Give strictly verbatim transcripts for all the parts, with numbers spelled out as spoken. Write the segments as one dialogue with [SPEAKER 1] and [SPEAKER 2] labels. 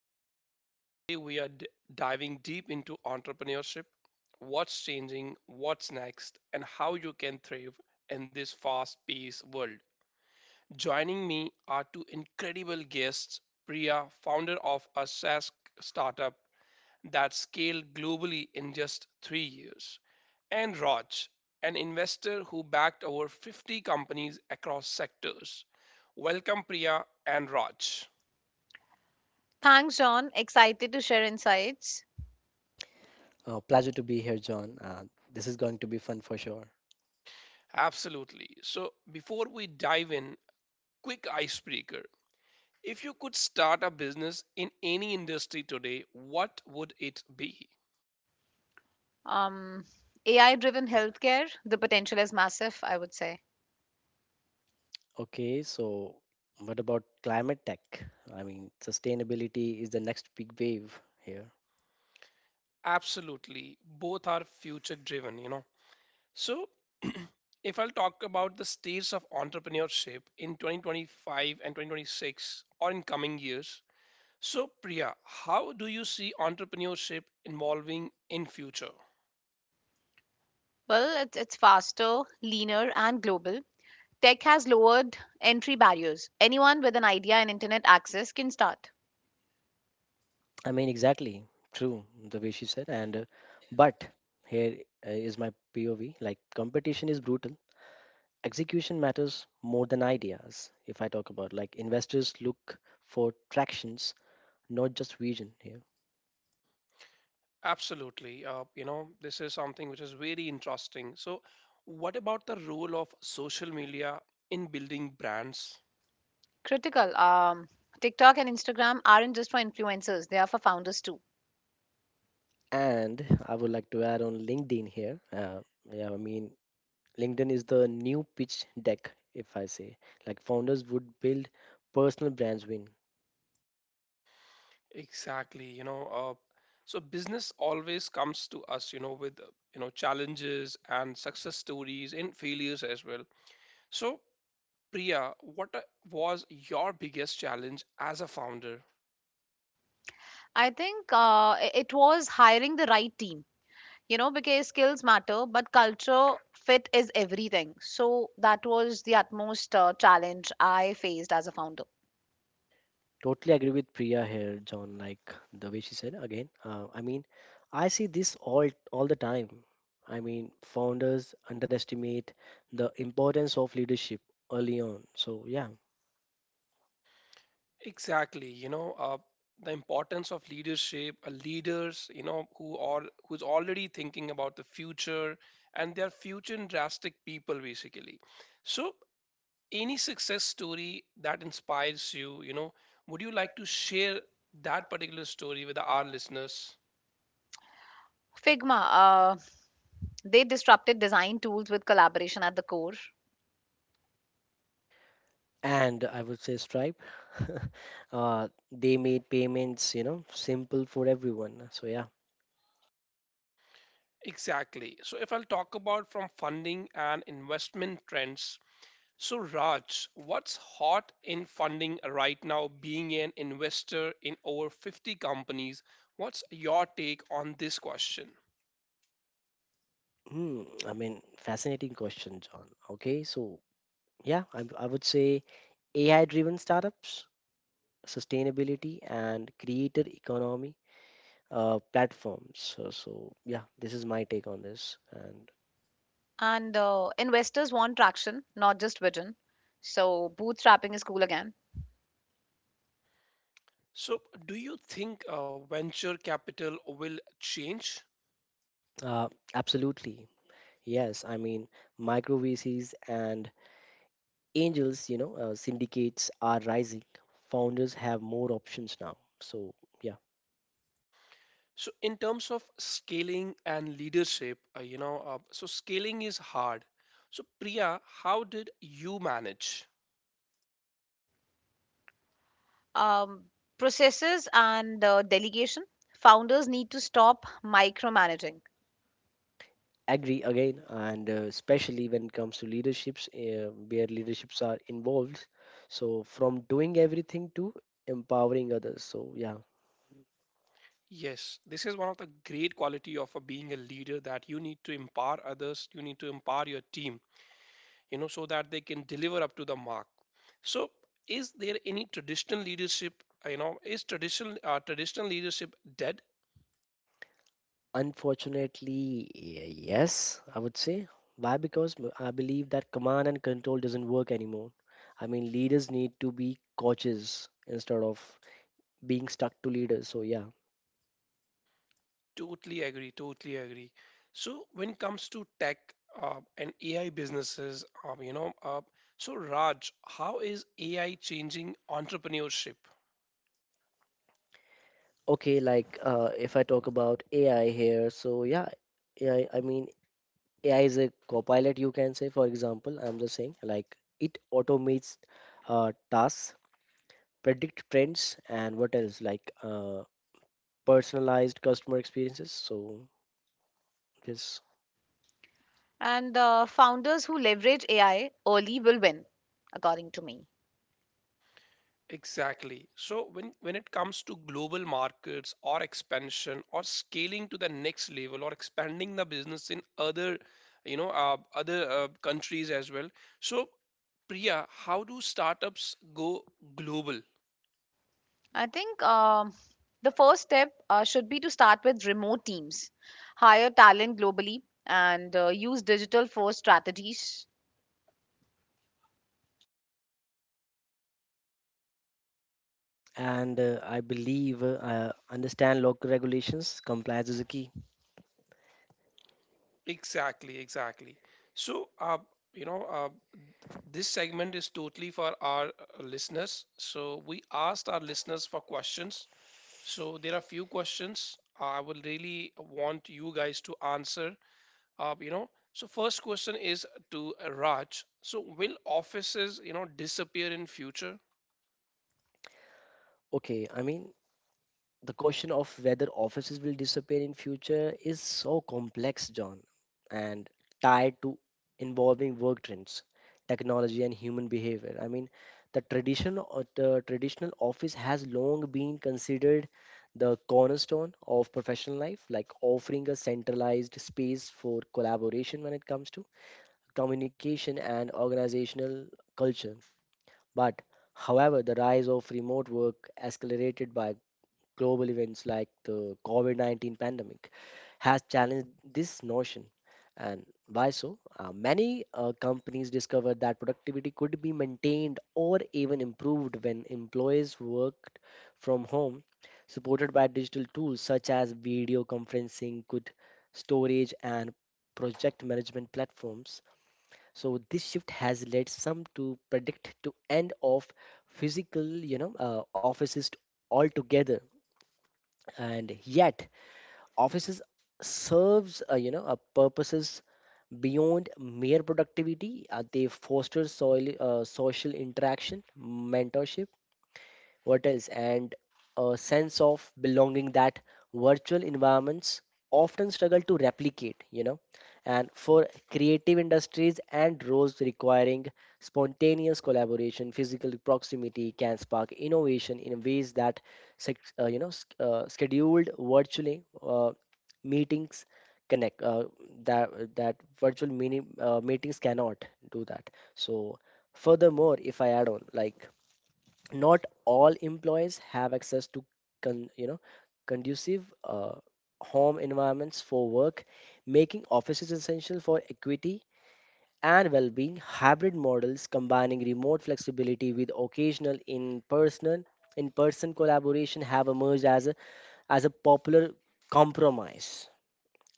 [SPEAKER 1] I'm John, and today we are d- diving deep into entrepreneurship, what's changing, what's next, and how you can thrive in this fast paced world. Joining me are two incredible guests: Priya, founder of a SaaS startup that scaled globally in just three years, and Raj, an investor who backed over fifty companies across sectors. Welcome, Priya and Raj.
[SPEAKER 2] Thanks, John. Excited to share insights.
[SPEAKER 3] Uh, pleasure to be here, John. Uh, this is going to be fun for sure.
[SPEAKER 1] Absolutely. So, before we dive in, quick icebreaker. If you could start a business in any industry today, what would it be?
[SPEAKER 2] Um, A I driven healthcare, the potential is massive, I would say.
[SPEAKER 3] Okay, so what about climate tech? I mean, sustainability is the next big wave here.
[SPEAKER 1] Absolutely. Both are future driven, you know. So, if I'll talk about the states of entrepreneurship in twenty twenty-five and twenty twenty-six or in coming years, so Priya, how do you see entrepreneurship evolving in future?
[SPEAKER 2] Well, it's, it's faster, leaner, and global. Tech has lowered entry barriers. Anyone with an idea and internet access can start.
[SPEAKER 3] I mean, exactly true, the way she said. And uh, But here uh, is my P O V. Like competition is brutal. Execution matters more than ideas. If I talk about like investors look for tractions, not just vision here.
[SPEAKER 1] Absolutely. Uh, you know, this is something which is very interesting. So, what about the role of social media in building brands?
[SPEAKER 2] Critical. Um, TikTok and Instagram aren't just for influencers, they are for founders too.
[SPEAKER 3] And I would like to add on LinkedIn here. Uh, yeah, I mean, LinkedIn is the new pitch deck, if I say. Like founders would build personal brands win.
[SPEAKER 1] Exactly. You know, uh, so business always comes to us, you know, with, uh, you know, challenges and success stories and failures as well. So, Priya, what uh, was your biggest challenge as a founder?
[SPEAKER 2] I think uh, i- it was hiring the right team. You know, because skills matter, but culture fit is everything. So that was the utmost uh, challenge I faced as a founder.
[SPEAKER 3] Totally agree with Priya here, John. Like the way she said again. Uh, I mean, I see this all all the time. I mean, founders underestimate the importance of leadership early on. So yeah,
[SPEAKER 1] Exactly, you know, uh, the importance of leadership, uh, leaders, you know, who are who's already thinking about the future and they're future drastic people basically. So, any success story that inspires you, you know, would you like to share that particular story with our listeners?
[SPEAKER 2] Figma, uh, they disrupted design tools with collaboration at the core,
[SPEAKER 3] and I would say Stripe. Uh, they made payments, you know, simple for everyone. So yeah.
[SPEAKER 1] Exactly. So, if I'll talk about from funding and investment trends, so, Raj, what's hot in funding right now, being an investor in over fifty companies? What's your take on this question?
[SPEAKER 3] Hmm, I mean, fascinating question, John. Okay, so yeah, I I would say A I driven startups, sustainability, and creator economy uh, platforms. So, so, yeah, this is my take on this. And
[SPEAKER 2] and uh, investors want traction, not just vision. So bootstrapping is cool again.
[SPEAKER 1] So, do you think uh, venture capital will change?
[SPEAKER 3] uh, Absolutely, yes, I mean, micro V Cs and angels, you know, uh, syndicates are rising. Founders have more options now. So, yeah.
[SPEAKER 1] So, in terms of scaling and leadership, uh, you know, uh, so scaling is hard. So, Priya, how did you manage?
[SPEAKER 2] Um, processes and uh, delegation. Founders need to stop micromanaging,
[SPEAKER 3] Agree again, and uh, especially when it comes to leaderships uh, where leaderships are involved, so from doing everything to empowering others. So yeah.
[SPEAKER 1] Yes, this is one of the great quality of a, being a leader that you need to empower others, you need to empower your team, you know, so that they can deliver up to the mark. So, is there any traditional leadership, uh, you know, is traditional uh, traditional leadership dead?
[SPEAKER 3] Unfortunately, y- yes, I would say. Why? Because m- I believe that command and control doesn't work anymore. I mean, leaders need to be coaches instead of being stuck to leaders. So yeah.
[SPEAKER 1] Totally agree, totally agree. So, when it comes to tech uh, and A I businesses, um, you know, uh, so Raj, how is A I changing entrepreneurship?
[SPEAKER 3] Okay, like uh, if I talk about AI here, so yeah. Yeah, I mean, A I is a copilot, you can say. For example, I'm just saying, like it automates uh, tasks, predict trends, and what else, like uh, personalized customer experiences. So this,
[SPEAKER 2] and uh, founders who leverage A I early will win, according to me.
[SPEAKER 1] Exactly. So when when it comes to global markets or expansion or scaling to the next level or expanding the business in other, you know, uh, other uh, countries as well. So Priya, how do startups go global?
[SPEAKER 2] I think um, the first step uh, should be to start with remote teams, hire talent globally, and uh, use digital first strategies.
[SPEAKER 3] and uh, I believe uh, uh, understand local regulations. Compliance is a key.
[SPEAKER 1] Exactly, exactly. So uh, you know, uh, this segment is totally for our uh, listeners. So we asked our listeners for questions. So there are few questions I will really want you guys to answer, uh, you know, so first question is to uh, Raj: so will offices, you know, disappear in future?
[SPEAKER 3] Okay, I mean, the question of whether offices will disappear in future is so complex, John, and tied to involving work trends, technology, and human behavior. I mean, the tradition or the traditional office has long been considered the cornerstone of professional life, like offering a centralized space for collaboration when it comes to communication and organizational culture. But however, the rise of remote work, accelerated by global events like the COVID nineteen pandemic, has challenged this notion. And by so, uh, many uh, companies discovered that productivity could be maintained or even improved when employees worked from home, supported by digital tools such as video conferencing, good storage, and project management platforms. So this shift has led some to predict to end of physical, you know, uh, offices altogether. And yet offices serves uh, you know uh, purposes beyond mere productivity. Uh, they foster soil, uh, social interaction, mentorship, what else, and a sense of belonging that virtual environments often struggle to replicate, you know. And for creative industries and roles requiring spontaneous collaboration, physical proximity can spark innovation in ways that, sec- uh, you know, s- uh, scheduled virtually uh, meetings connect uh, that that virtual mini uh, meetings cannot do that. So furthermore, if I add on, like not all employees have access to con- you know conducive uh, home environments for work, making offices essential for equity and well-being. Hybrid models combining remote flexibility with occasional in-person in-person collaboration have emerged as a as a popular compromise,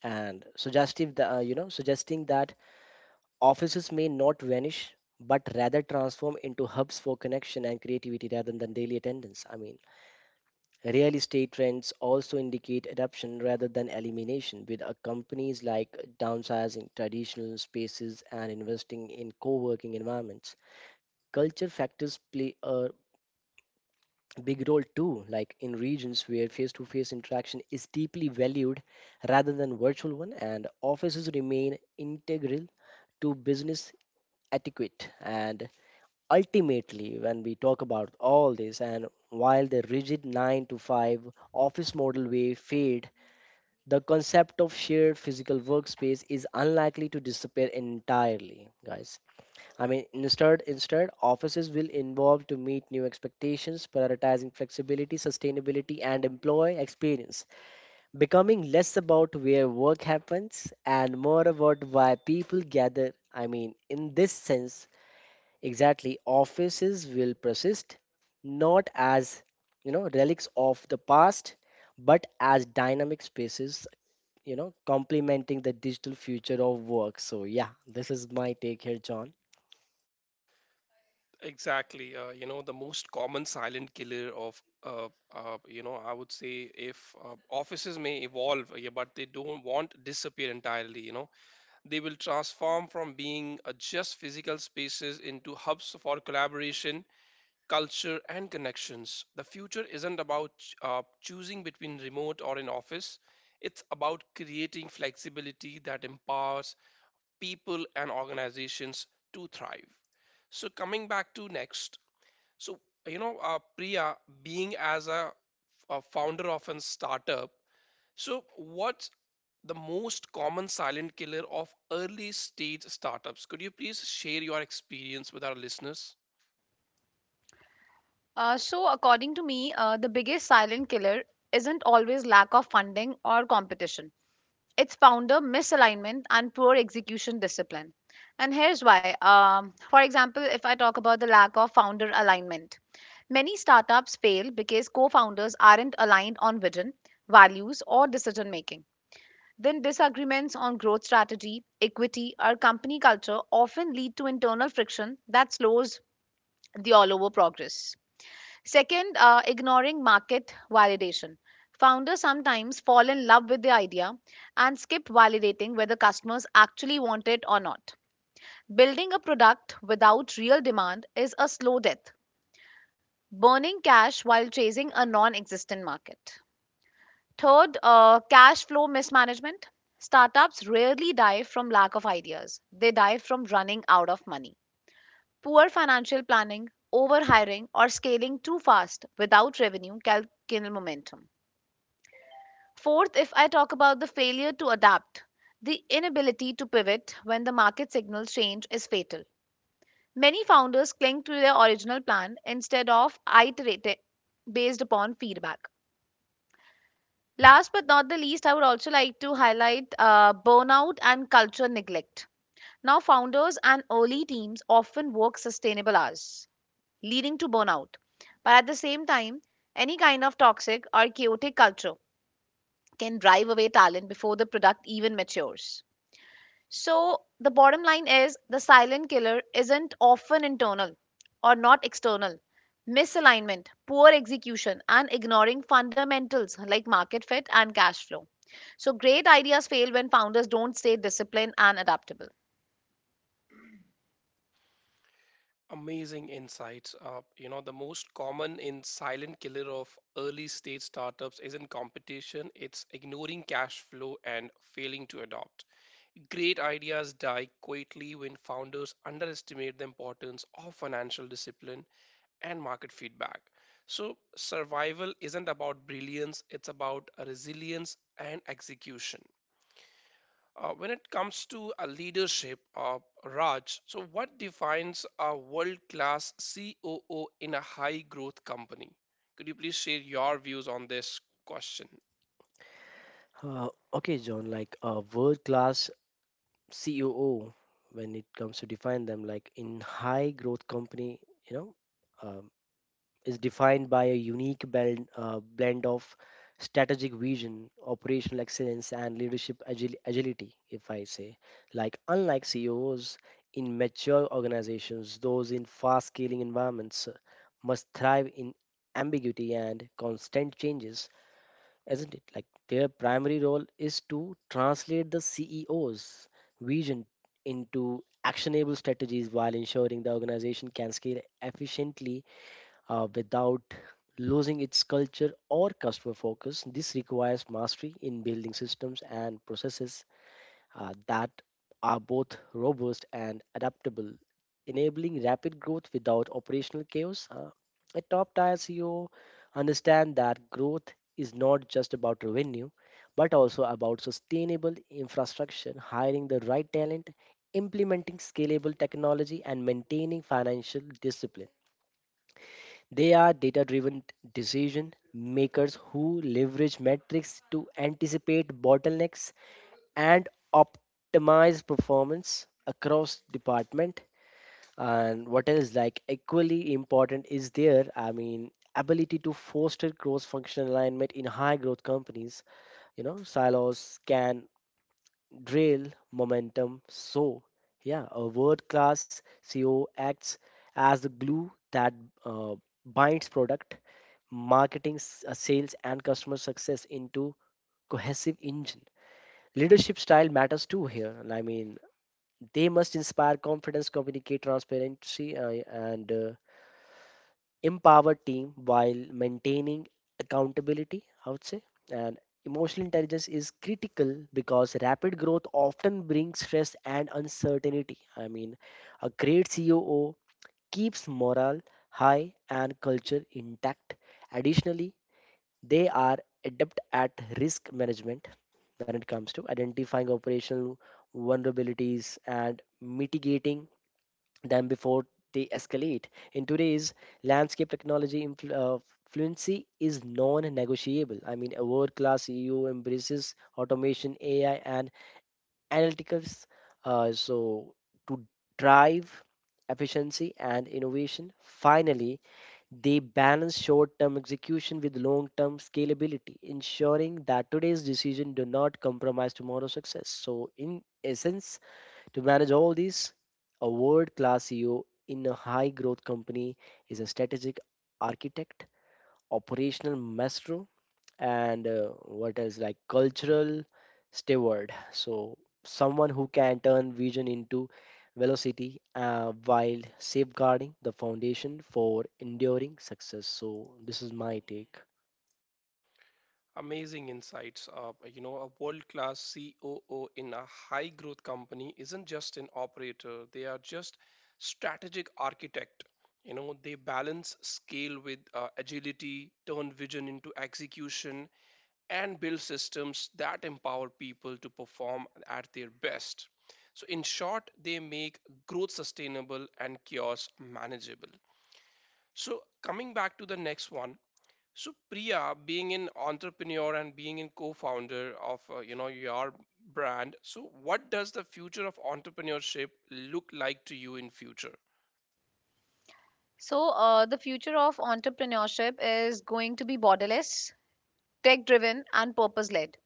[SPEAKER 3] and suggestive the, uh, you know, suggesting that offices may not vanish but rather transform into hubs for connection and creativity rather than daily attendance. I mean, real estate trends also indicate adoption rather than elimination, with uh, companies like downsizing traditional spaces and investing in co working environments. Culture factors play a big role too, like in regions where face to face interaction is deeply valued rather than virtual one, and offices remain integral to business etiquette. And ultimately, when we talk about all this, and while the rigid nine to five office model may fade, the concept of shared physical workspace is unlikely to disappear entirely, guys. I mean, instead, instead, offices will evolve to meet new expectations, prioritizing flexibility, sustainability, and employee experience, becoming less about where work happens and more about why people gather. I mean, in this sense, exactly, offices will persist not as, you know, relics of the past, but as dynamic spaces, you know, complementing the digital future of work. So, yeah, this is my take here, John.
[SPEAKER 1] Exactly, uh, you know, the most common silent killer of uh, uh, you know, I would say, if uh, offices may evolve, yeah, but they don't want disappear entirely, you know. They will transform from being uh, just physical spaces into hubs for collaboration, culture, and connections. The future isn't about uh, choosing between remote or in office, it's about creating flexibility that empowers people and organizations to thrive. So, coming back to next, so you know, uh, Priya, being as a, a founder of a startup, so what's the most common silent killer of early stage startups? Could you please share your experience with our listeners?
[SPEAKER 2] Uh, so, according to me, uh, the biggest silent killer isn't always lack of funding or competition. It's founder misalignment and poor execution discipline. And here's why. Um, for example, if I talk about the lack of founder alignment, many startups fail because co founders aren't aligned on vision, values, or decision making. Then disagreements on growth strategy, equity, or company culture often lead to internal friction that slows the all over progress. Second, uh, ignoring market validation. Founders sometimes fall in love with the idea and skip validating whether customers actually want it or not. Building a product without real demand is a slow death, burning cash while chasing a non existent market. Third, uh, cash flow mismanagement. Startups rarely die from lack of ideas, they die from running out of money. Poor financial planning, overhiring, or scaling too fast without revenue can kill momentum. Fourth, if I talk about the failure to adapt, the inability to pivot when the market signals change is fatal. Many founders cling to their original plan instead of iterating based upon feedback. Last but not the least, I would also like to highlight uh, burnout and culture neglect. Now, founders and early teams often work sustainable hours, leading to burnout. But at the same time, any kind of toxic or chaotic culture can drive away talent before the product even matures. So, the bottom line is the silent killer isn't often internal or not external. Misalignment, poor execution, and ignoring fundamentals like market fit and cash flow. So great ideas fail when founders don't stay disciplined and adaptable.
[SPEAKER 1] Amazing insights. Uh, you know, the most common in silent killer of early stage startups isn't competition, it's ignoring cash flow and failing to adopt. Great ideas die quietly when founders underestimate the importance of financial discipline and market feedback. So, survival isn't about brilliance, it's about resilience and execution. Uh, when it comes to a leadership, uh, Raj, so what defines a world-class C O O in a high-growth company? Could you please share your views on this question?
[SPEAKER 3] Uh, okay, John, like a world class C E O, when it comes to define them, like in high growth company, you know, um, is defined by a unique blend, uh, blend of strategic vision, operational excellence, and leadership agil- agility, if I say. Like, unlike C E Os in mature organizations, those in fast scaling environments uh, must thrive in ambiguity and constant changes, isn't it? Like, their primary role is to translate the C E O's vision into actionable strategies while ensuring the organization can scale efficiently uh, without losing its culture or customer focus. This requires mastery in building systems and processes uh, that are both robust and adaptable, enabling rapid growth without operational chaos. Uh, a top tier C E O understand that growth is not just about revenue but also about sustainable infrastructure, hiring the right talent, implementing scalable technology, and maintaining financial discipline. They are data driven decision makers who leverage metrics to anticipate bottlenecks and optimize performance across department, and what else, like equally important is their, I mean, ability to foster cross functional alignment in high growth companies. You know, silos can drill momentum. So yeah, a world class CEO acts as the glue that uh, binds product, marketing, s- uh, sales, and customer success into cohesive engine. Leadership style matters too here. I mean, they must inspire confidence, communicate transparency, uh, and uh, empower team while maintaining accountability, I would say. And emotional intelligence is critical because rapid growth often brings stress and uncertainty. I mean, a great C O O keeps morale high and culture intact. Additionally, they are adept at risk management when it comes to identifying operational vulnerabilities and mitigating them before they escalate. In today's landscape, technology influ- uh, fluency is non-negotiable. I mean, a world-class E U embraces automation, A I, and analytics. Uh, so to drive efficiency and innovation. Finally, they balance short term execution with long term scalability, ensuring that today's decision do not compromise tomorrow's success. So, in essence, to manage all these, a world class C E O in a high growth company is a strategic architect, operational maestro, and uh, what else, like cultural steward. So someone who can turn vision into velocity uh, while safeguarding the foundation for enduring success. So this is my take.
[SPEAKER 1] Amazing insights. Uh, you know, a world-class C O O in a high-growth company isn't just an operator; they are just strategic architect. You know, they balance scale with uh, agility, turn vision into execution, and build systems that empower people to perform at their best. So, in short, they make growth sustainable and chaos manageable. So, coming back to the next one. So, Priya, being an entrepreneur and being a co-founder of uh, you know your brand, so what does the future of entrepreneurship look like to you in future?
[SPEAKER 2] So uh, the future of entrepreneurship is going to be borderless, tech-driven, and purpose-led.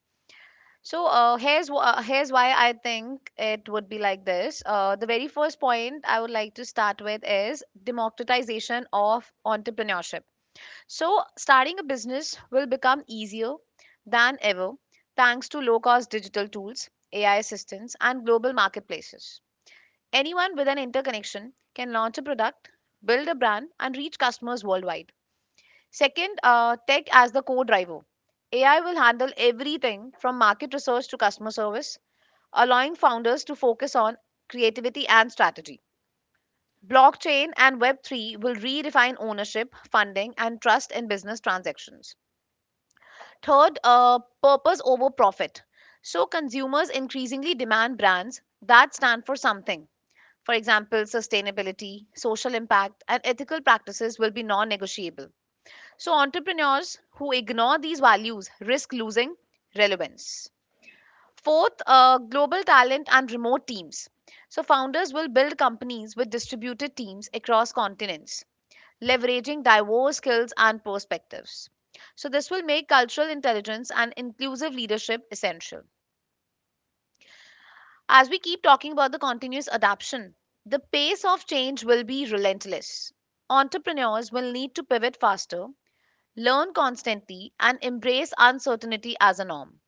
[SPEAKER 2] So uh, here's wh- uh, here's why I think it would be like this. Uh, the very first point I would like to start with is democratization of entrepreneurship. So starting a business will become easier than ever thanks to low-cost digital tools, A I assistants, and global marketplaces. Anyone with an interconnection can launch a product, build a brand, and reach customers worldwide. Second, uh, tech as the core driver. A I will handle everything from market research to customer service, allowing founders to focus on creativity and strategy. Blockchain and web three will redefine ownership, funding, and trust in business transactions. Third, uh, purpose over profit. So, consumers increasingly demand brands that stand for something. For example, sustainability, social impact, and ethical practices will be non negotiable. So, entrepreneurs who ignore these values risk losing relevance. Fourth, uh, global talent and remote teams. So, founders will build companies with distributed teams across continents, leveraging diverse skills and perspectives. So, this will make cultural intelligence and inclusive leadership essential. As we keep talking about the continuous adaption, the pace of change will be relentless. Entrepreneurs will need to pivot faster, learn constantly, and embrace uncertainty as a norm.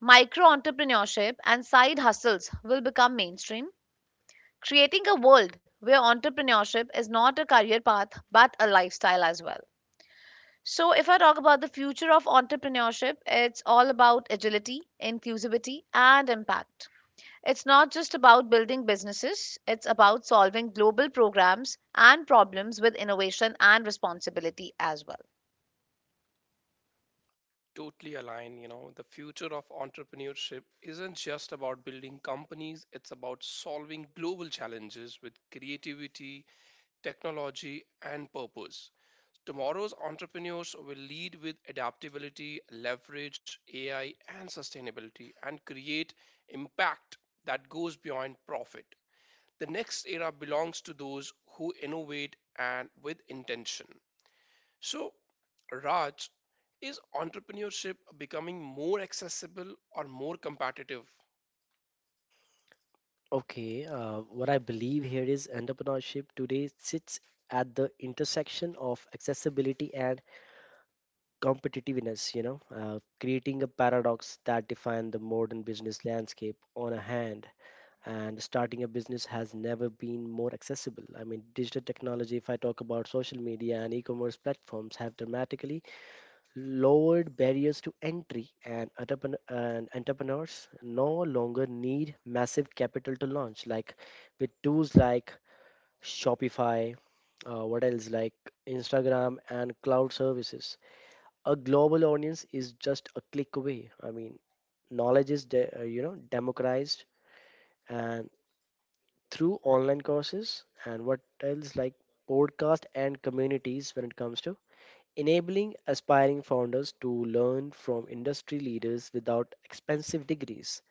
[SPEAKER 2] Micro entrepreneurship and side hustles will become mainstream, creating a world where entrepreneurship is not a career path but a lifestyle as well. So, if I talk about the future of entrepreneurship, it's all about agility, inclusivity, and impact. It's not just about building businesses, it's about solving global programs and problems with innovation and responsibility as well.
[SPEAKER 1] Totally align. You know, the future of entrepreneurship isn't just about building companies, it's about solving global challenges with creativity, technology, and purpose. Tomorrow's entrepreneurs will lead with adaptability, leverage A I, and sustainability, and create impact that goes beyond profit. The next era belongs to those who innovate and with intention. So, Raj, is entrepreneurship becoming more accessible or more competitive?
[SPEAKER 3] Okay, uh, what I believe here is entrepreneurship today sits at the intersection of accessibility and competitiveness, you know, uh, creating a paradox that defines the modern business landscape. On a hand, and starting a business has never been more accessible. I mean, digital technology, if I talk about social media and e commerce platforms, have dramatically lowered barriers to entry, and, entrepren- and entrepreneurs no longer need massive capital to launch. Like with tools like Shopify, uh, what else, like Instagram and cloud services, a global audience is just a click away. I mean, knowledge is, de- uh, you know, democratized, and through online courses and what else, like podcast and communities, when it comes to enabling aspiring founders to learn from industry leaders without expensive degrees.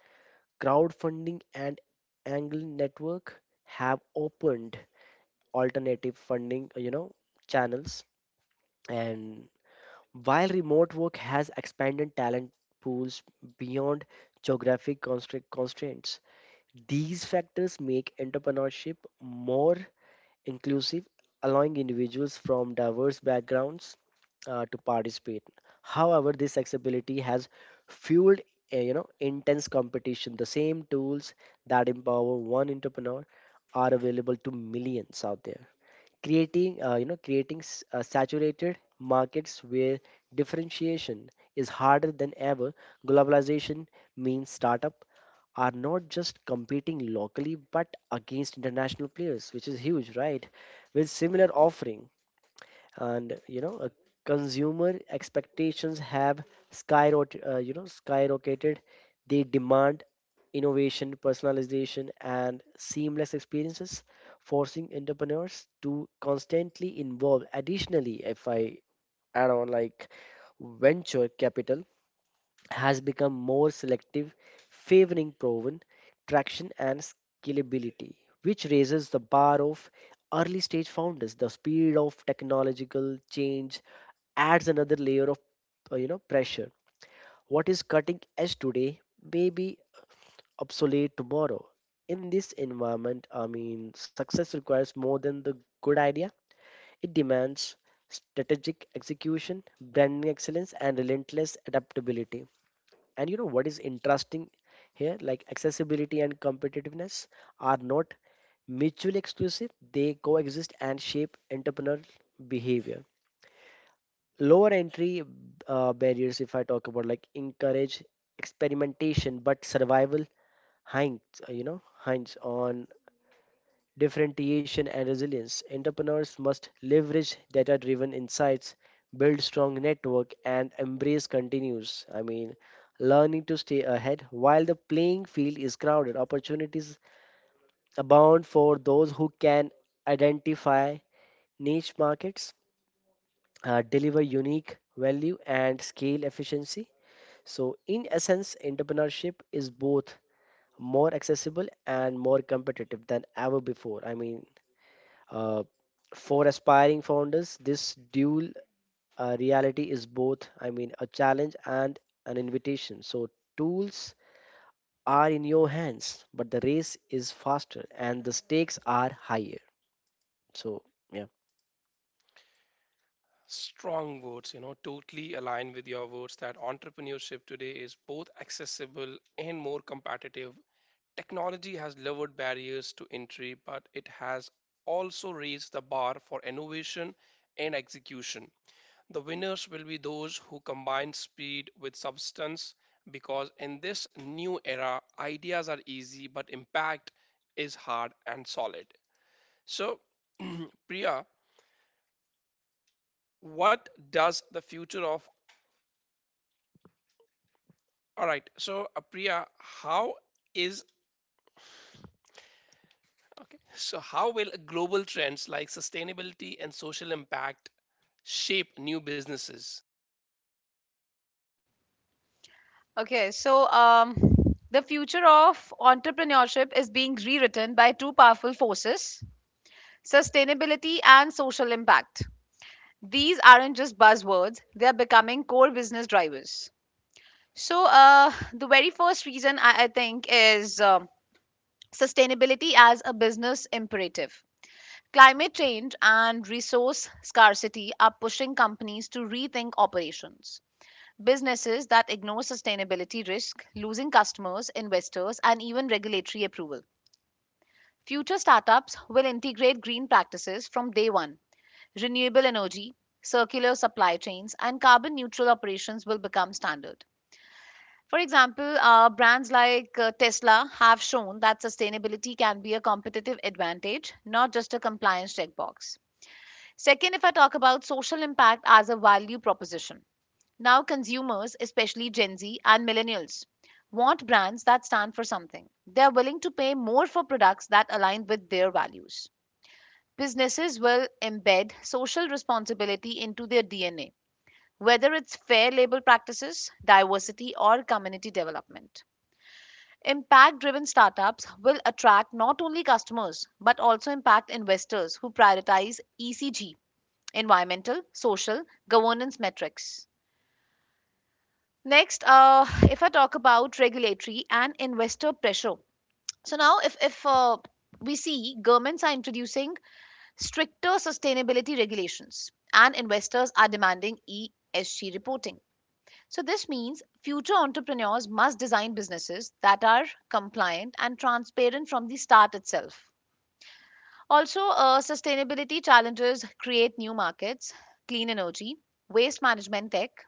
[SPEAKER 3] Crowdfunding and angle network have opened alternative funding, you know, channels. And while remote work has expanded talent pools beyond geographic constra- constraints, these factors make entrepreneurship more inclusive, allowing individuals from diverse backgrounds uh, to participate. However, this accessibility has fueled uh, you know intense competition. The same tools that empower one entrepreneur are available to millions out there, creating uh, you know, creating s- uh, saturated markets where differentiation is harder than ever. Globalization means startup are not just competing locally but against international players, which is huge, right? With similar offering, and you know, uh, consumer expectations have skyrocketed. Uh, you know, skyrocketed. They demand innovation, personalization, and seamless experiences, forcing entrepreneurs to constantly involve. Additionally, if I add on, like venture capital has become more selective, favoring proven traction and scalability, which raises the bar of early stage founders. The speed of technological change adds another layer of uh, you know pressure. What is cutting edge today may be obsolete tomorrow. In this environment, I mean, success requires more than the good idea. It demands strategic execution, branding excellence, and relentless adaptability. And you know what is interesting here? Like accessibility and competitiveness are not mutually exclusive, they coexist and shape entrepreneurial behavior. Lower entry uh, barriers, if I talk about, like encourage experimentation, but survival hinges, you know, hinge on differentiation, and resilience. Entrepreneurs must leverage data driven insights, build strong network, and embrace continuous. I mean, learning to stay ahead while the playing field is crowded. Opportunities abound for those who can identify niche markets, uh, deliver unique value, and scale efficiency. So, in essence, entrepreneurship is both more accessible and more competitive than ever before. I mean, Uh, for aspiring founders, this dual uh, reality is both, I mean, a challenge and an invitation. So, tools are in your hands, but the race is faster and the stakes are higher. So, yeah.
[SPEAKER 1] Strong words, you know, totally align with your words that entrepreneurship today is both accessible and more competitive. Technology has lowered barriers to entry, but it has also raised the bar for innovation and execution. The winners will be those who combine speed with substance because in this new era, ideas are easy, but impact is hard and solid. So, Priya, what does the future of all right? So, uh, Priya, how is okay? So, how will global trends like sustainability and social impact shape new businesses?
[SPEAKER 2] Okay, so um, the future of entrepreneurship is being rewritten by two powerful forces: sustainability and social impact. These aren't just buzzwords, they are becoming core business drivers. So, uh, the very first reason I, I think is um, sustainability as a business imperative. Climate change and resource scarcity are pushing companies to rethink operations. Businesses that ignore sustainability risk losing customers, investors, and even regulatory approval. Future startups will integrate green practices from day one. Renewable energy, circular supply chains, and carbon neutral operations will become standard. For example, uh, brands like uh, Tesla have shown that sustainability can be a competitive advantage, not just a compliance checkbox. Second, if I talk about social impact as a value proposition, now consumers, especially Gen Z and millennials, want brands that stand for something. They're willing to pay more for products that align with their values. Businesses will embed social responsibility into their D N A, whether it's fair labor practices, diversity, or community development. Impact driven startups will attract not only customers but also impact investors who prioritize E C G: environmental, social, governance metrics. Next, uh, if I talk about regulatory and investor pressure. So now, if, if uh, we see governments are introducing stricter sustainability regulations and investors are demanding E S G reporting. So this means future entrepreneurs must design businesses that are compliant and transparent from the start itself. Also, uh, sustainability challenges create new markets: clean energy, waste management tech,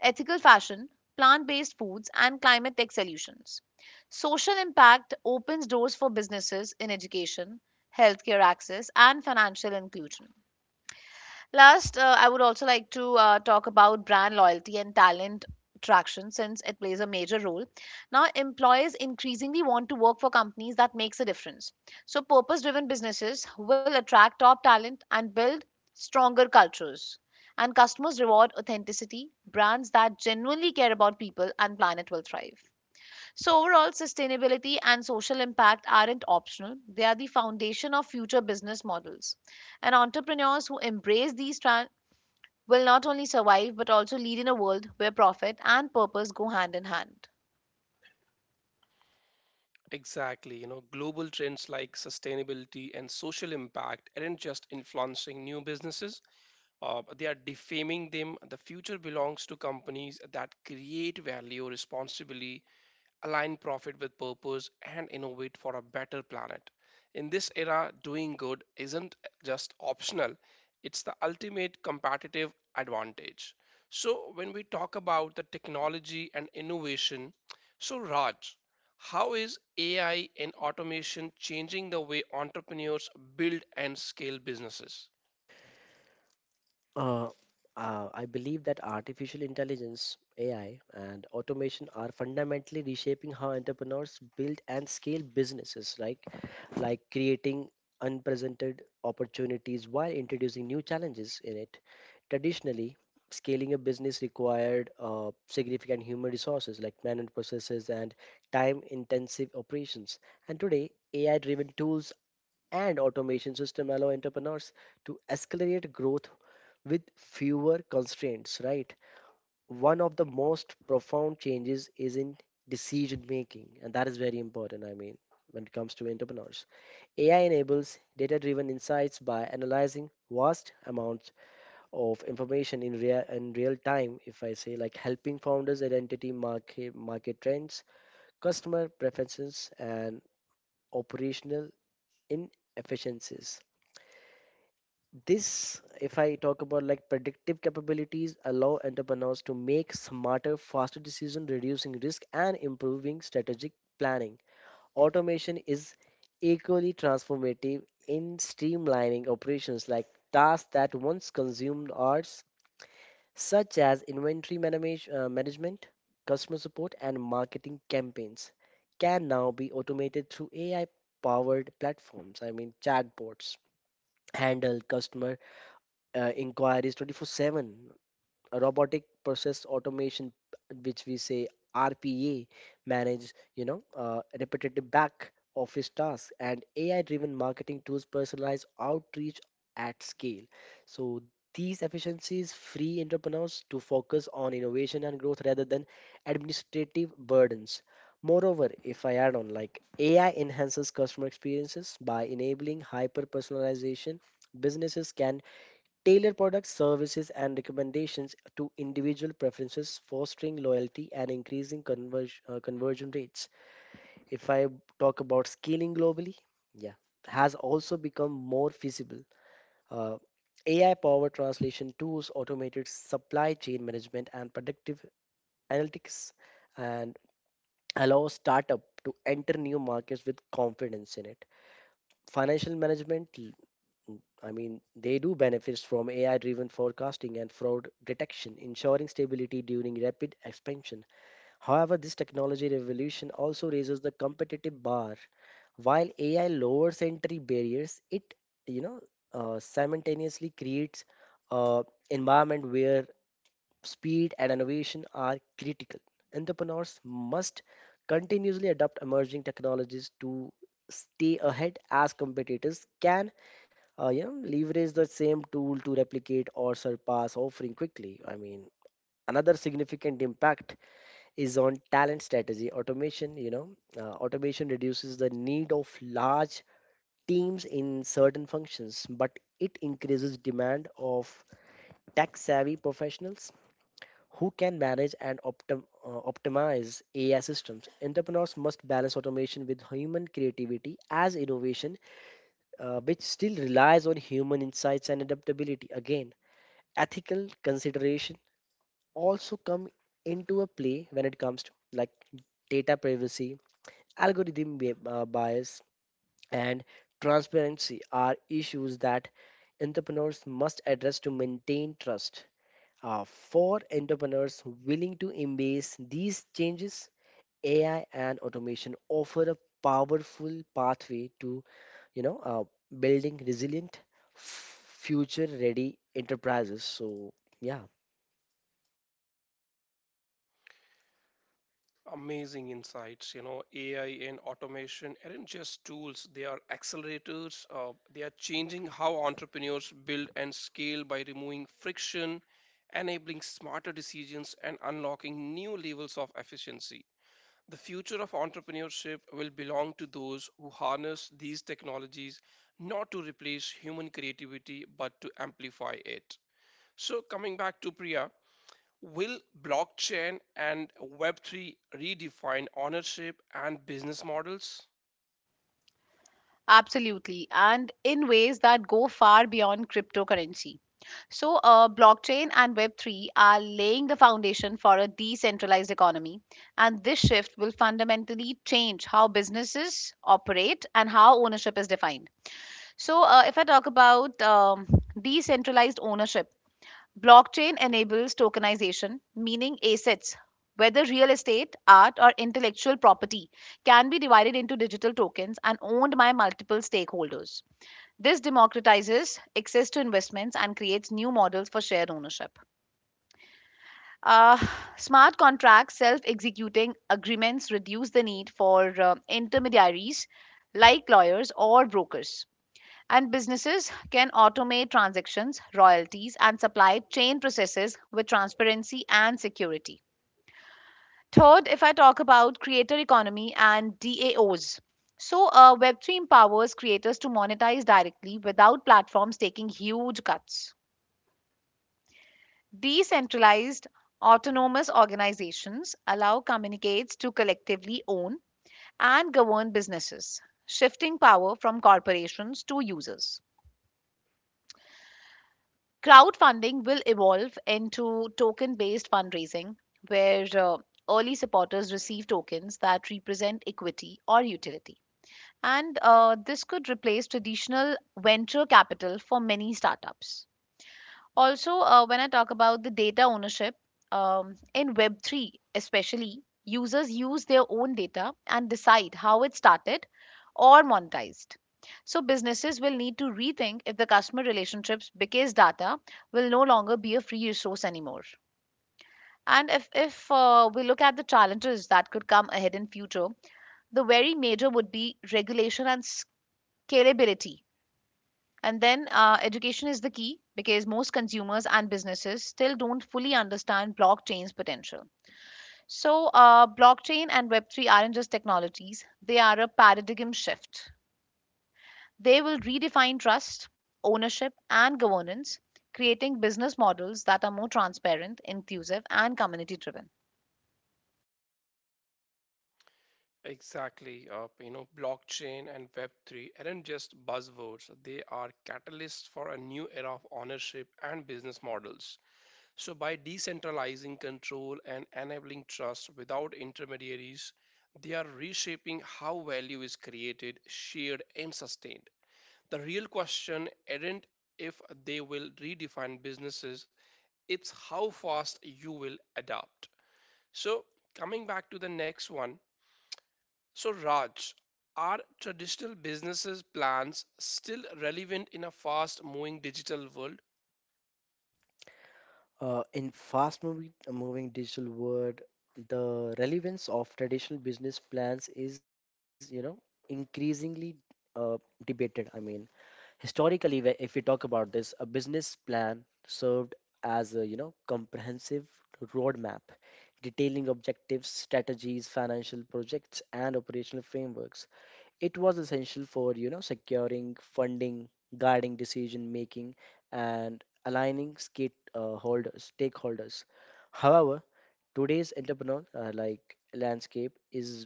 [SPEAKER 2] ethical fashion, plant based foods, and climate tech solutions. Social impact opens doors for businesses in education, healthcare access, and financial inclusion. Last, uh, I would also like to uh, talk about brand loyalty and talent attraction since it plays a major role. Now, employees increasingly want to work for companies that makes a difference. So, purpose-driven businesses will attract top talent and build stronger cultures. And customers reward authenticity. Brands that genuinely care about people and planet will thrive. So, overall, sustainability and social impact aren't optional. They are the foundation of future business models. And entrepreneurs who embrace these trends will not only survive but also lead in a world where profit and purpose go hand in hand.
[SPEAKER 1] Exactly. You know, global trends like sustainability and social impact aren't just influencing new businesses, uh, they are defaming them. The future belongs to companies that create value responsibly, align profit with purpose, and innovate for a better planet. In this era, doing good isn't just optional, it's the ultimate competitive advantage. So, when we talk about the technology and innovation, so Raj, how is A I and automation changing the way entrepreneurs build and scale businesses?
[SPEAKER 3] Uh, uh, I believe that artificial intelligence, A I, and automation are fundamentally reshaping how entrepreneurs build and scale businesses, like like creating unprecedented opportunities while introducing new challenges in it. Traditionally, scaling a business required uh, significant human resources like manual processes and time-intensive operations. And today, A I-driven tools and automation system allow entrepreneurs to accelerate growth with fewer constraints, right? One of the most profound changes is in decision making, and that is very important. I mean, when it comes to entrepreneurs, A I enables data driven insights by analyzing vast amounts of information in real, in real time, if I say, like helping founders identity market, market trends, customer preferences, and operational inefficiencies. This, if I talk about like predictive capabilities, allow entrepreneurs to make smarter, faster decisions, reducing risk and improving strategic planning. Automation is equally transformative in streamlining operations like tasks that once consumed hours, such as inventory manage, uh, management, customer support, and marketing campaigns, can now be automated through A I powered platforms. I mean, chatbots handle customer uh, inquiries twenty four seven, a robotic process automation which we say R P A, manage, you know, uh, repetitive back office tasks, and A I driven marketing tools personalize outreach at scale. So these efficiencies free entrepreneurs to focus on innovation and growth rather than administrative burdens. Moreover, if I add on, like A I enhances customer experiences by enabling hyper personalization, businesses can tailor products, services, and recommendations to individual preferences, fostering loyalty and increasing converge, uh, conversion rates. If I talk about scaling globally, yeah, has also become more feasible. Uh, A I powered translation tools, automated supply chain management, and predictive analytics, and allow startup to enter new markets with confidence in it. Financial management, I mean, they do benefit from A I driven forecasting and fraud detection, ensuring stability during rapid expansion. However, this technology revolution also raises the competitive bar. While A I lowers entry barriers, it, you know, uh, simultaneously creates an environment where speed and innovation are critical. Entrepreneurs must continuously adopt emerging technologies to stay ahead, as competitors can, uh, yeah, leverage the same tool to replicate or surpass offering quickly. I mean, another significant impact is on talent strategy automation. You know, uh, automation reduces the need of large teams in certain functions, but it increases demand of tech-savvy professionals who can manage and optim- uh, optimize A I systems. Entrepreneurs must balance automation with human creativity as innovation, uh, which still relies on human insights and adaptability. Again, ethical consideration also come into a play when it comes to like data privacy, algorithm bi- uh, bias, and transparency are issues that entrepreneurs must address to maintain trust. Uh, for entrepreneurs willing to embrace these changes, AI and automation offer a powerful pathway to, you know uh, building resilient, future ready enterprises. So, yeah.
[SPEAKER 1] Amazing insights. You know, A I and automation aren't just tools, they are accelerators. Uh, they are changing how entrepreneurs build and scale by removing friction, enabling smarter decisions, and unlocking new levels of efficiency. The future of entrepreneurship will belong to those who harness these technologies not to replace human creativity but to amplify it. So, coming back to Priya, will blockchain and Web three redefine ownership and business models?
[SPEAKER 2] Absolutely, and in ways that go far beyond cryptocurrency. So, uh, blockchain and web three are laying the foundation for a decentralized economy, and this shift will fundamentally change how businesses operate and how ownership is defined. So, uh, if I talk about um, decentralized ownership, blockchain enables tokenization, meaning assets, whether real estate, art, or intellectual property, can be divided into digital tokens and owned by multiple stakeholders. This democratizes access to investments and creates new models for shared ownership. Uh, smart contracts, self executing agreements reduce the need for uh, intermediaries like lawyers or brokers. And businesses can automate transactions, royalties, and supply chain processes with transparency and security. Third, if I talk about creator economy and D A Os. So, uh, web three empowers creators to monetize directly without platforms taking huge cuts. Decentralized autonomous organizations allow communicates to collectively own and govern businesses, shifting power from corporations to users. Crowdfunding will evolve into token based fundraising, where uh, early supporters receive tokens that represent equity or utility. And uh, this could replace traditional venture capital for many startups. Also, uh, when I talk about the data ownership, um, in web three especially, users use their own data and decide how it started or monetized. So, businesses will need to rethink if the customer relationships because data will no longer be a free resource anymore. And if, if uh, we look at the challenges that could come ahead in future, the very major would be regulation and scalability, and then uh, education is the key because most consumers and businesses still don't fully understand blockchain's potential. So, uh, blockchain and web three aren't just technologies, they are a paradigm shift. They will redefine trust, ownership, and governance, creating business models that are more transparent, inclusive, and community driven.
[SPEAKER 1] Exactly. Uh, you know, blockchain and Web three aren't just buzzwords, they are catalysts for a new era of ownership and business models. So, by decentralizing control and enabling trust without intermediaries, they are reshaping how value is created, shared, and sustained. The real question isn't if they will redefine businesses, it's how fast you will adapt. So, coming back to the next one. So, Raj, are traditional businesses plans still relevant in a fast moving digital world?
[SPEAKER 3] Uh, in fast moving, moving digital world, the relevance of traditional business plans is, you know, increasingly uh, debated. I mean, historically, wh- if we talk about this, a business plan served as a, you know, comprehensive roadmap detailing objectives, strategies, financial projects, and operational frameworks. It was essential for, you know, securing funding, guiding decision making, and aligning skate, uh, holders, stakeholders. However, today's entrepreneur, uh, like landscape is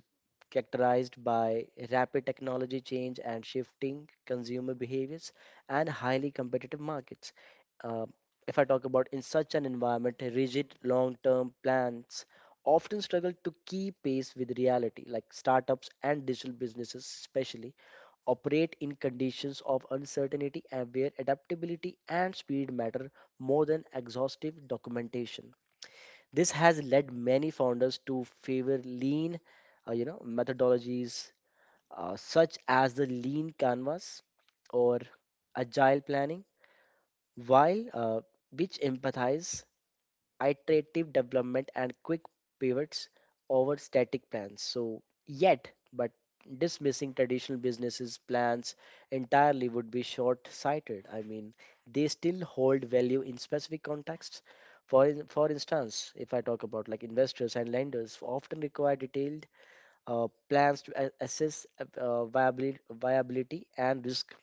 [SPEAKER 3] characterized by rapid technology change and shifting consumer behaviors and highly competitive markets. Uh, if I talk about, in such an environment, rigid long-term plans often struggle to keep pace with reality. Like startups and digital businesses, especially, operate in conditions of uncertainty and where adaptability and speed matter more than exhaustive documentation. This has led many founders to favor lean, uh, you know, methodologies, uh, such as the lean canvas or agile planning, while uh, which empathize iterative development and quick pivots over static plans. So, yet, but dismissing traditional businesses' plans entirely would be short sighted. I mean, they still hold value in specific contexts. For, in- for instance, if I talk about, like, investors and lenders often require detailed uh, plans to a- assess uh, viability, viability and risk.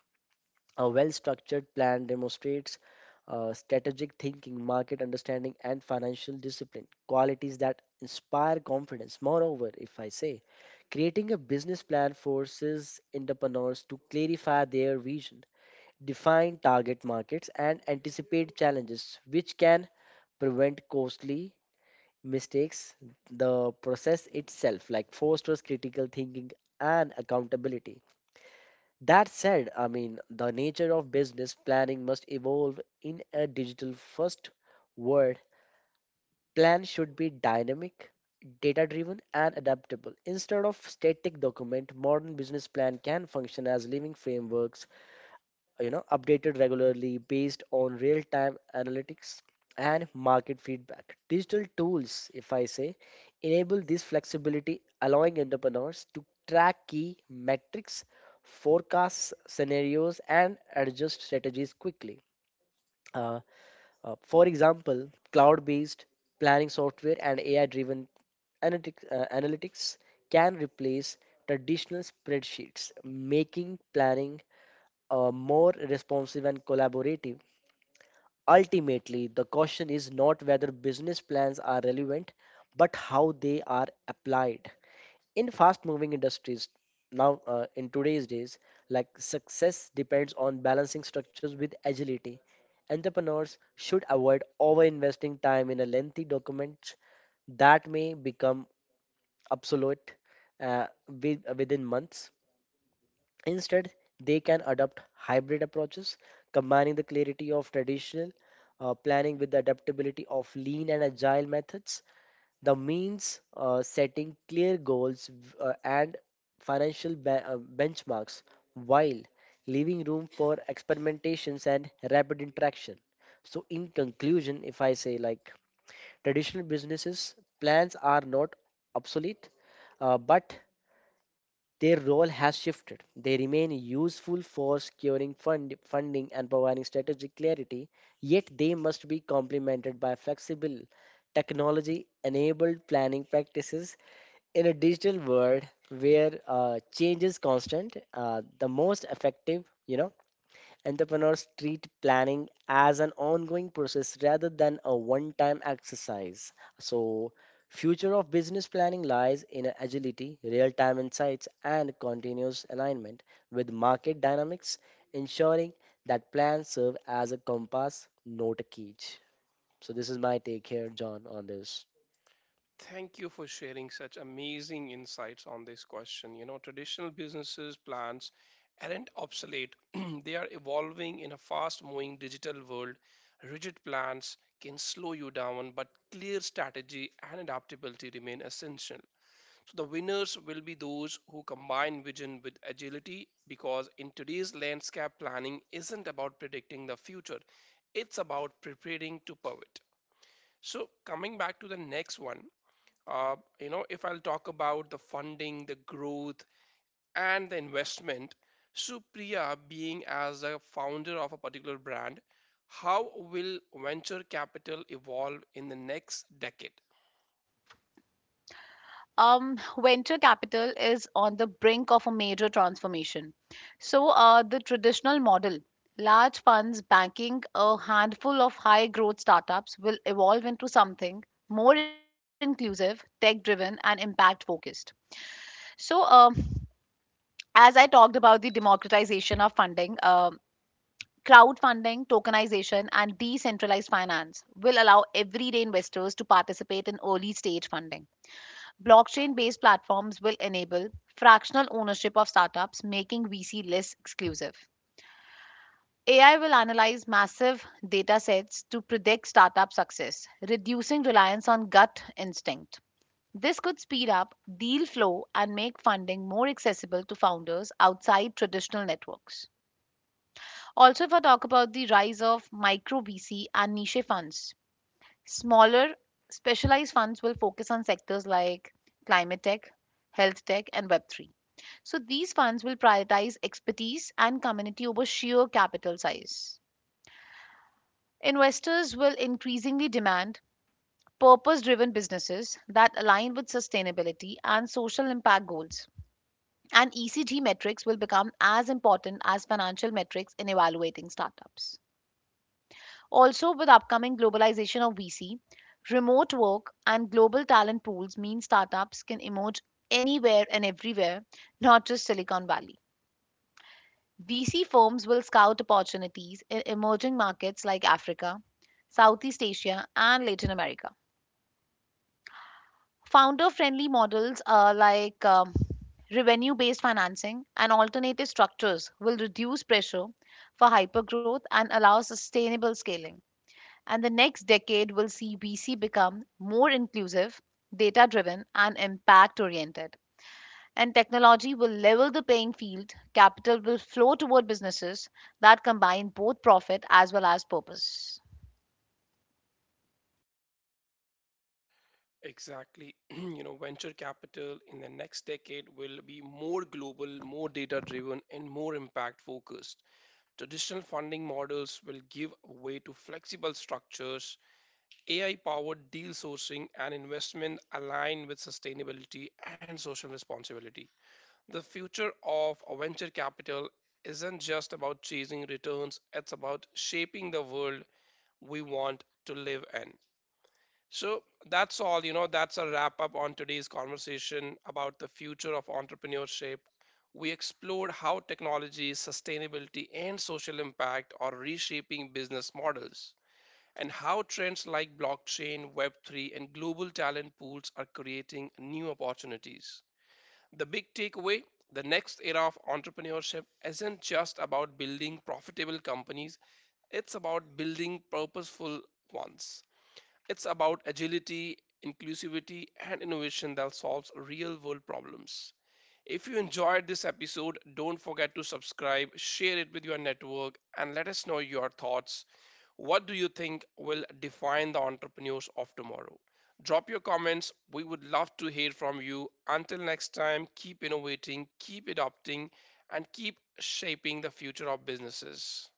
[SPEAKER 3] A well structured plan demonstrates uh, strategic thinking, market understanding, and financial discipline, qualities that inspire confidence. Moreover, if I say, creating a business plan forces entrepreneurs to clarify their vision, define target markets, and anticipate challenges, which can prevent costly mistakes. The process itself, like, fosters critical thinking and accountability. That said, I mean, the nature of business planning must evolve in a digital first world. Plan should be dynamic, data driven, and adaptable. Instead of static document, modern business plan can function as living frameworks, you know, updated regularly based on real time analytics and market feedback. Digital tools, if I say, enable this flexibility, allowing entrepreneurs to track key metrics, forecast scenarios, and adjust strategies quickly. uh, uh, for example, cloud based planning software and AI driven analytics, uh, analytics can replace traditional spreadsheets, making planning uh, more responsive and collaborative. Ultimately, the question is not whether business plans are relevant, but how they are applied. In fast moving industries, now, uh, in today's days, like, success depends on balancing structures with agility. Entrepreneurs should avoid over investing time in a lengthy document that may become obsolete, uh, with, within months. Instead, they can adopt hybrid approaches, combining the clarity of traditional uh, planning with the adaptability of lean and agile methods. The means, uh, setting clear goals uh, and financial be- uh, benchmarks while leaving room for experimentations and rapid interaction. So, in conclusion, if I say, like, traditional businesses, plans are not obsolete, uh, but their role has shifted. They remain useful for securing fund, funding and providing strategic clarity, yet they must be complemented by flexible, technology enabled planning practices. In a digital world where, uh, change is constant, uh, the most effective, you know, entrepreneurs treat planning as an ongoing process rather than a one-time exercise. So, future of business planning lies in agility, real-time insights, and continuous alignment with market dynamics, ensuring that plans serve as a compass, not a cage. So this is my take here, John, on this.
[SPEAKER 1] Thank you for sharing such amazing insights on this question. You know, traditional businesses plans aren't obsolete. They are evolving in a fast moving digital world. Rigid plans can slow you down, but clear strategy and adaptability remain essential. So the winners will be those who combine vision with agility because in today's landscape planning isn't about predicting the future, it's about preparing to pivot. So coming back to the next one, uh, you know, if I'll talk about the funding, the growth, and the investment, Supriya being as a founder of a particular brand, how will venture capital evolve in the next decade?
[SPEAKER 2] um, venture capital is on the brink of a major transformation. So, uh, the traditional model, large funds banking a handful of high growth startups, will evolve into something more inclusive, tech driven, and impact focused. So, um as I talked about the democratization of funding, um crowdfunding, tokenization, and decentralized finance will allow everyday investors to participate in early stage funding. Blockchain based platforms will enable fractional ownership of startups, making V C less exclusive. A I will analyze massive data sets to predict startup success, reducing reliance on gut instinct. This could speed up deal flow and make funding more accessible to founders outside traditional networks. Also, if I talk about the rise of micro V C and niche funds, smaller specialized funds will focus on sectors like climate tech, health tech, and web three. So these funds will prioritize expertise and community over sheer capital size. Investors will increasingly demand purpose driven businesses that align with sustainability and social impact goals. And E C G metrics will become as important as financial metrics in evaluating startups. Also, with upcoming globalization of V C, remote work and global talent pools mean startups can emerge anywhere and everywhere, not just Silicon Valley. V C firms will scout opportunities in emerging markets like Africa, Southeast Asia, and Latin America. Founder friendly models uh, like um, revenue based financing and alternative structures will reduce pressure for hypergrowth and allow sustainable scaling. And the next decade will see V C become more inclusive, data driven, and impact oriented. And technology will level the playing field. Capital will flow toward businesses that combine both profit as well as purpose.
[SPEAKER 1] Exactly. You know, venture capital in the next decade will be more global, more data driven, and more impact focused. Traditional funding models will give way to flexible structures, A I powered deal sourcing, and investment aligned with sustainability and social responsibility. The future of venture capital isn't just about chasing returns, it's about shaping the world we want to live in. So that's all, you know, that's a wrap up on today's conversation about the future of entrepreneurship. We explored how technology, sustainability, and social impact are reshaping business models, and how trends like blockchain, Web three, and global talent pools are creating new opportunities. The big takeaway: the next era of entrepreneurship isn't just about building profitable companies, it's about building purposeful ones. It's about agility, inclusivity, and innovation that solves real world problems. If you enjoyed this episode, don't forget to subscribe, share it with your network, and let us know your thoughts. What do you think will define the entrepreneurs of tomorrow? Drop your comments. We would love to hear from you. Until next time, keep innovating, keep adopting, and keep shaping the future of businesses.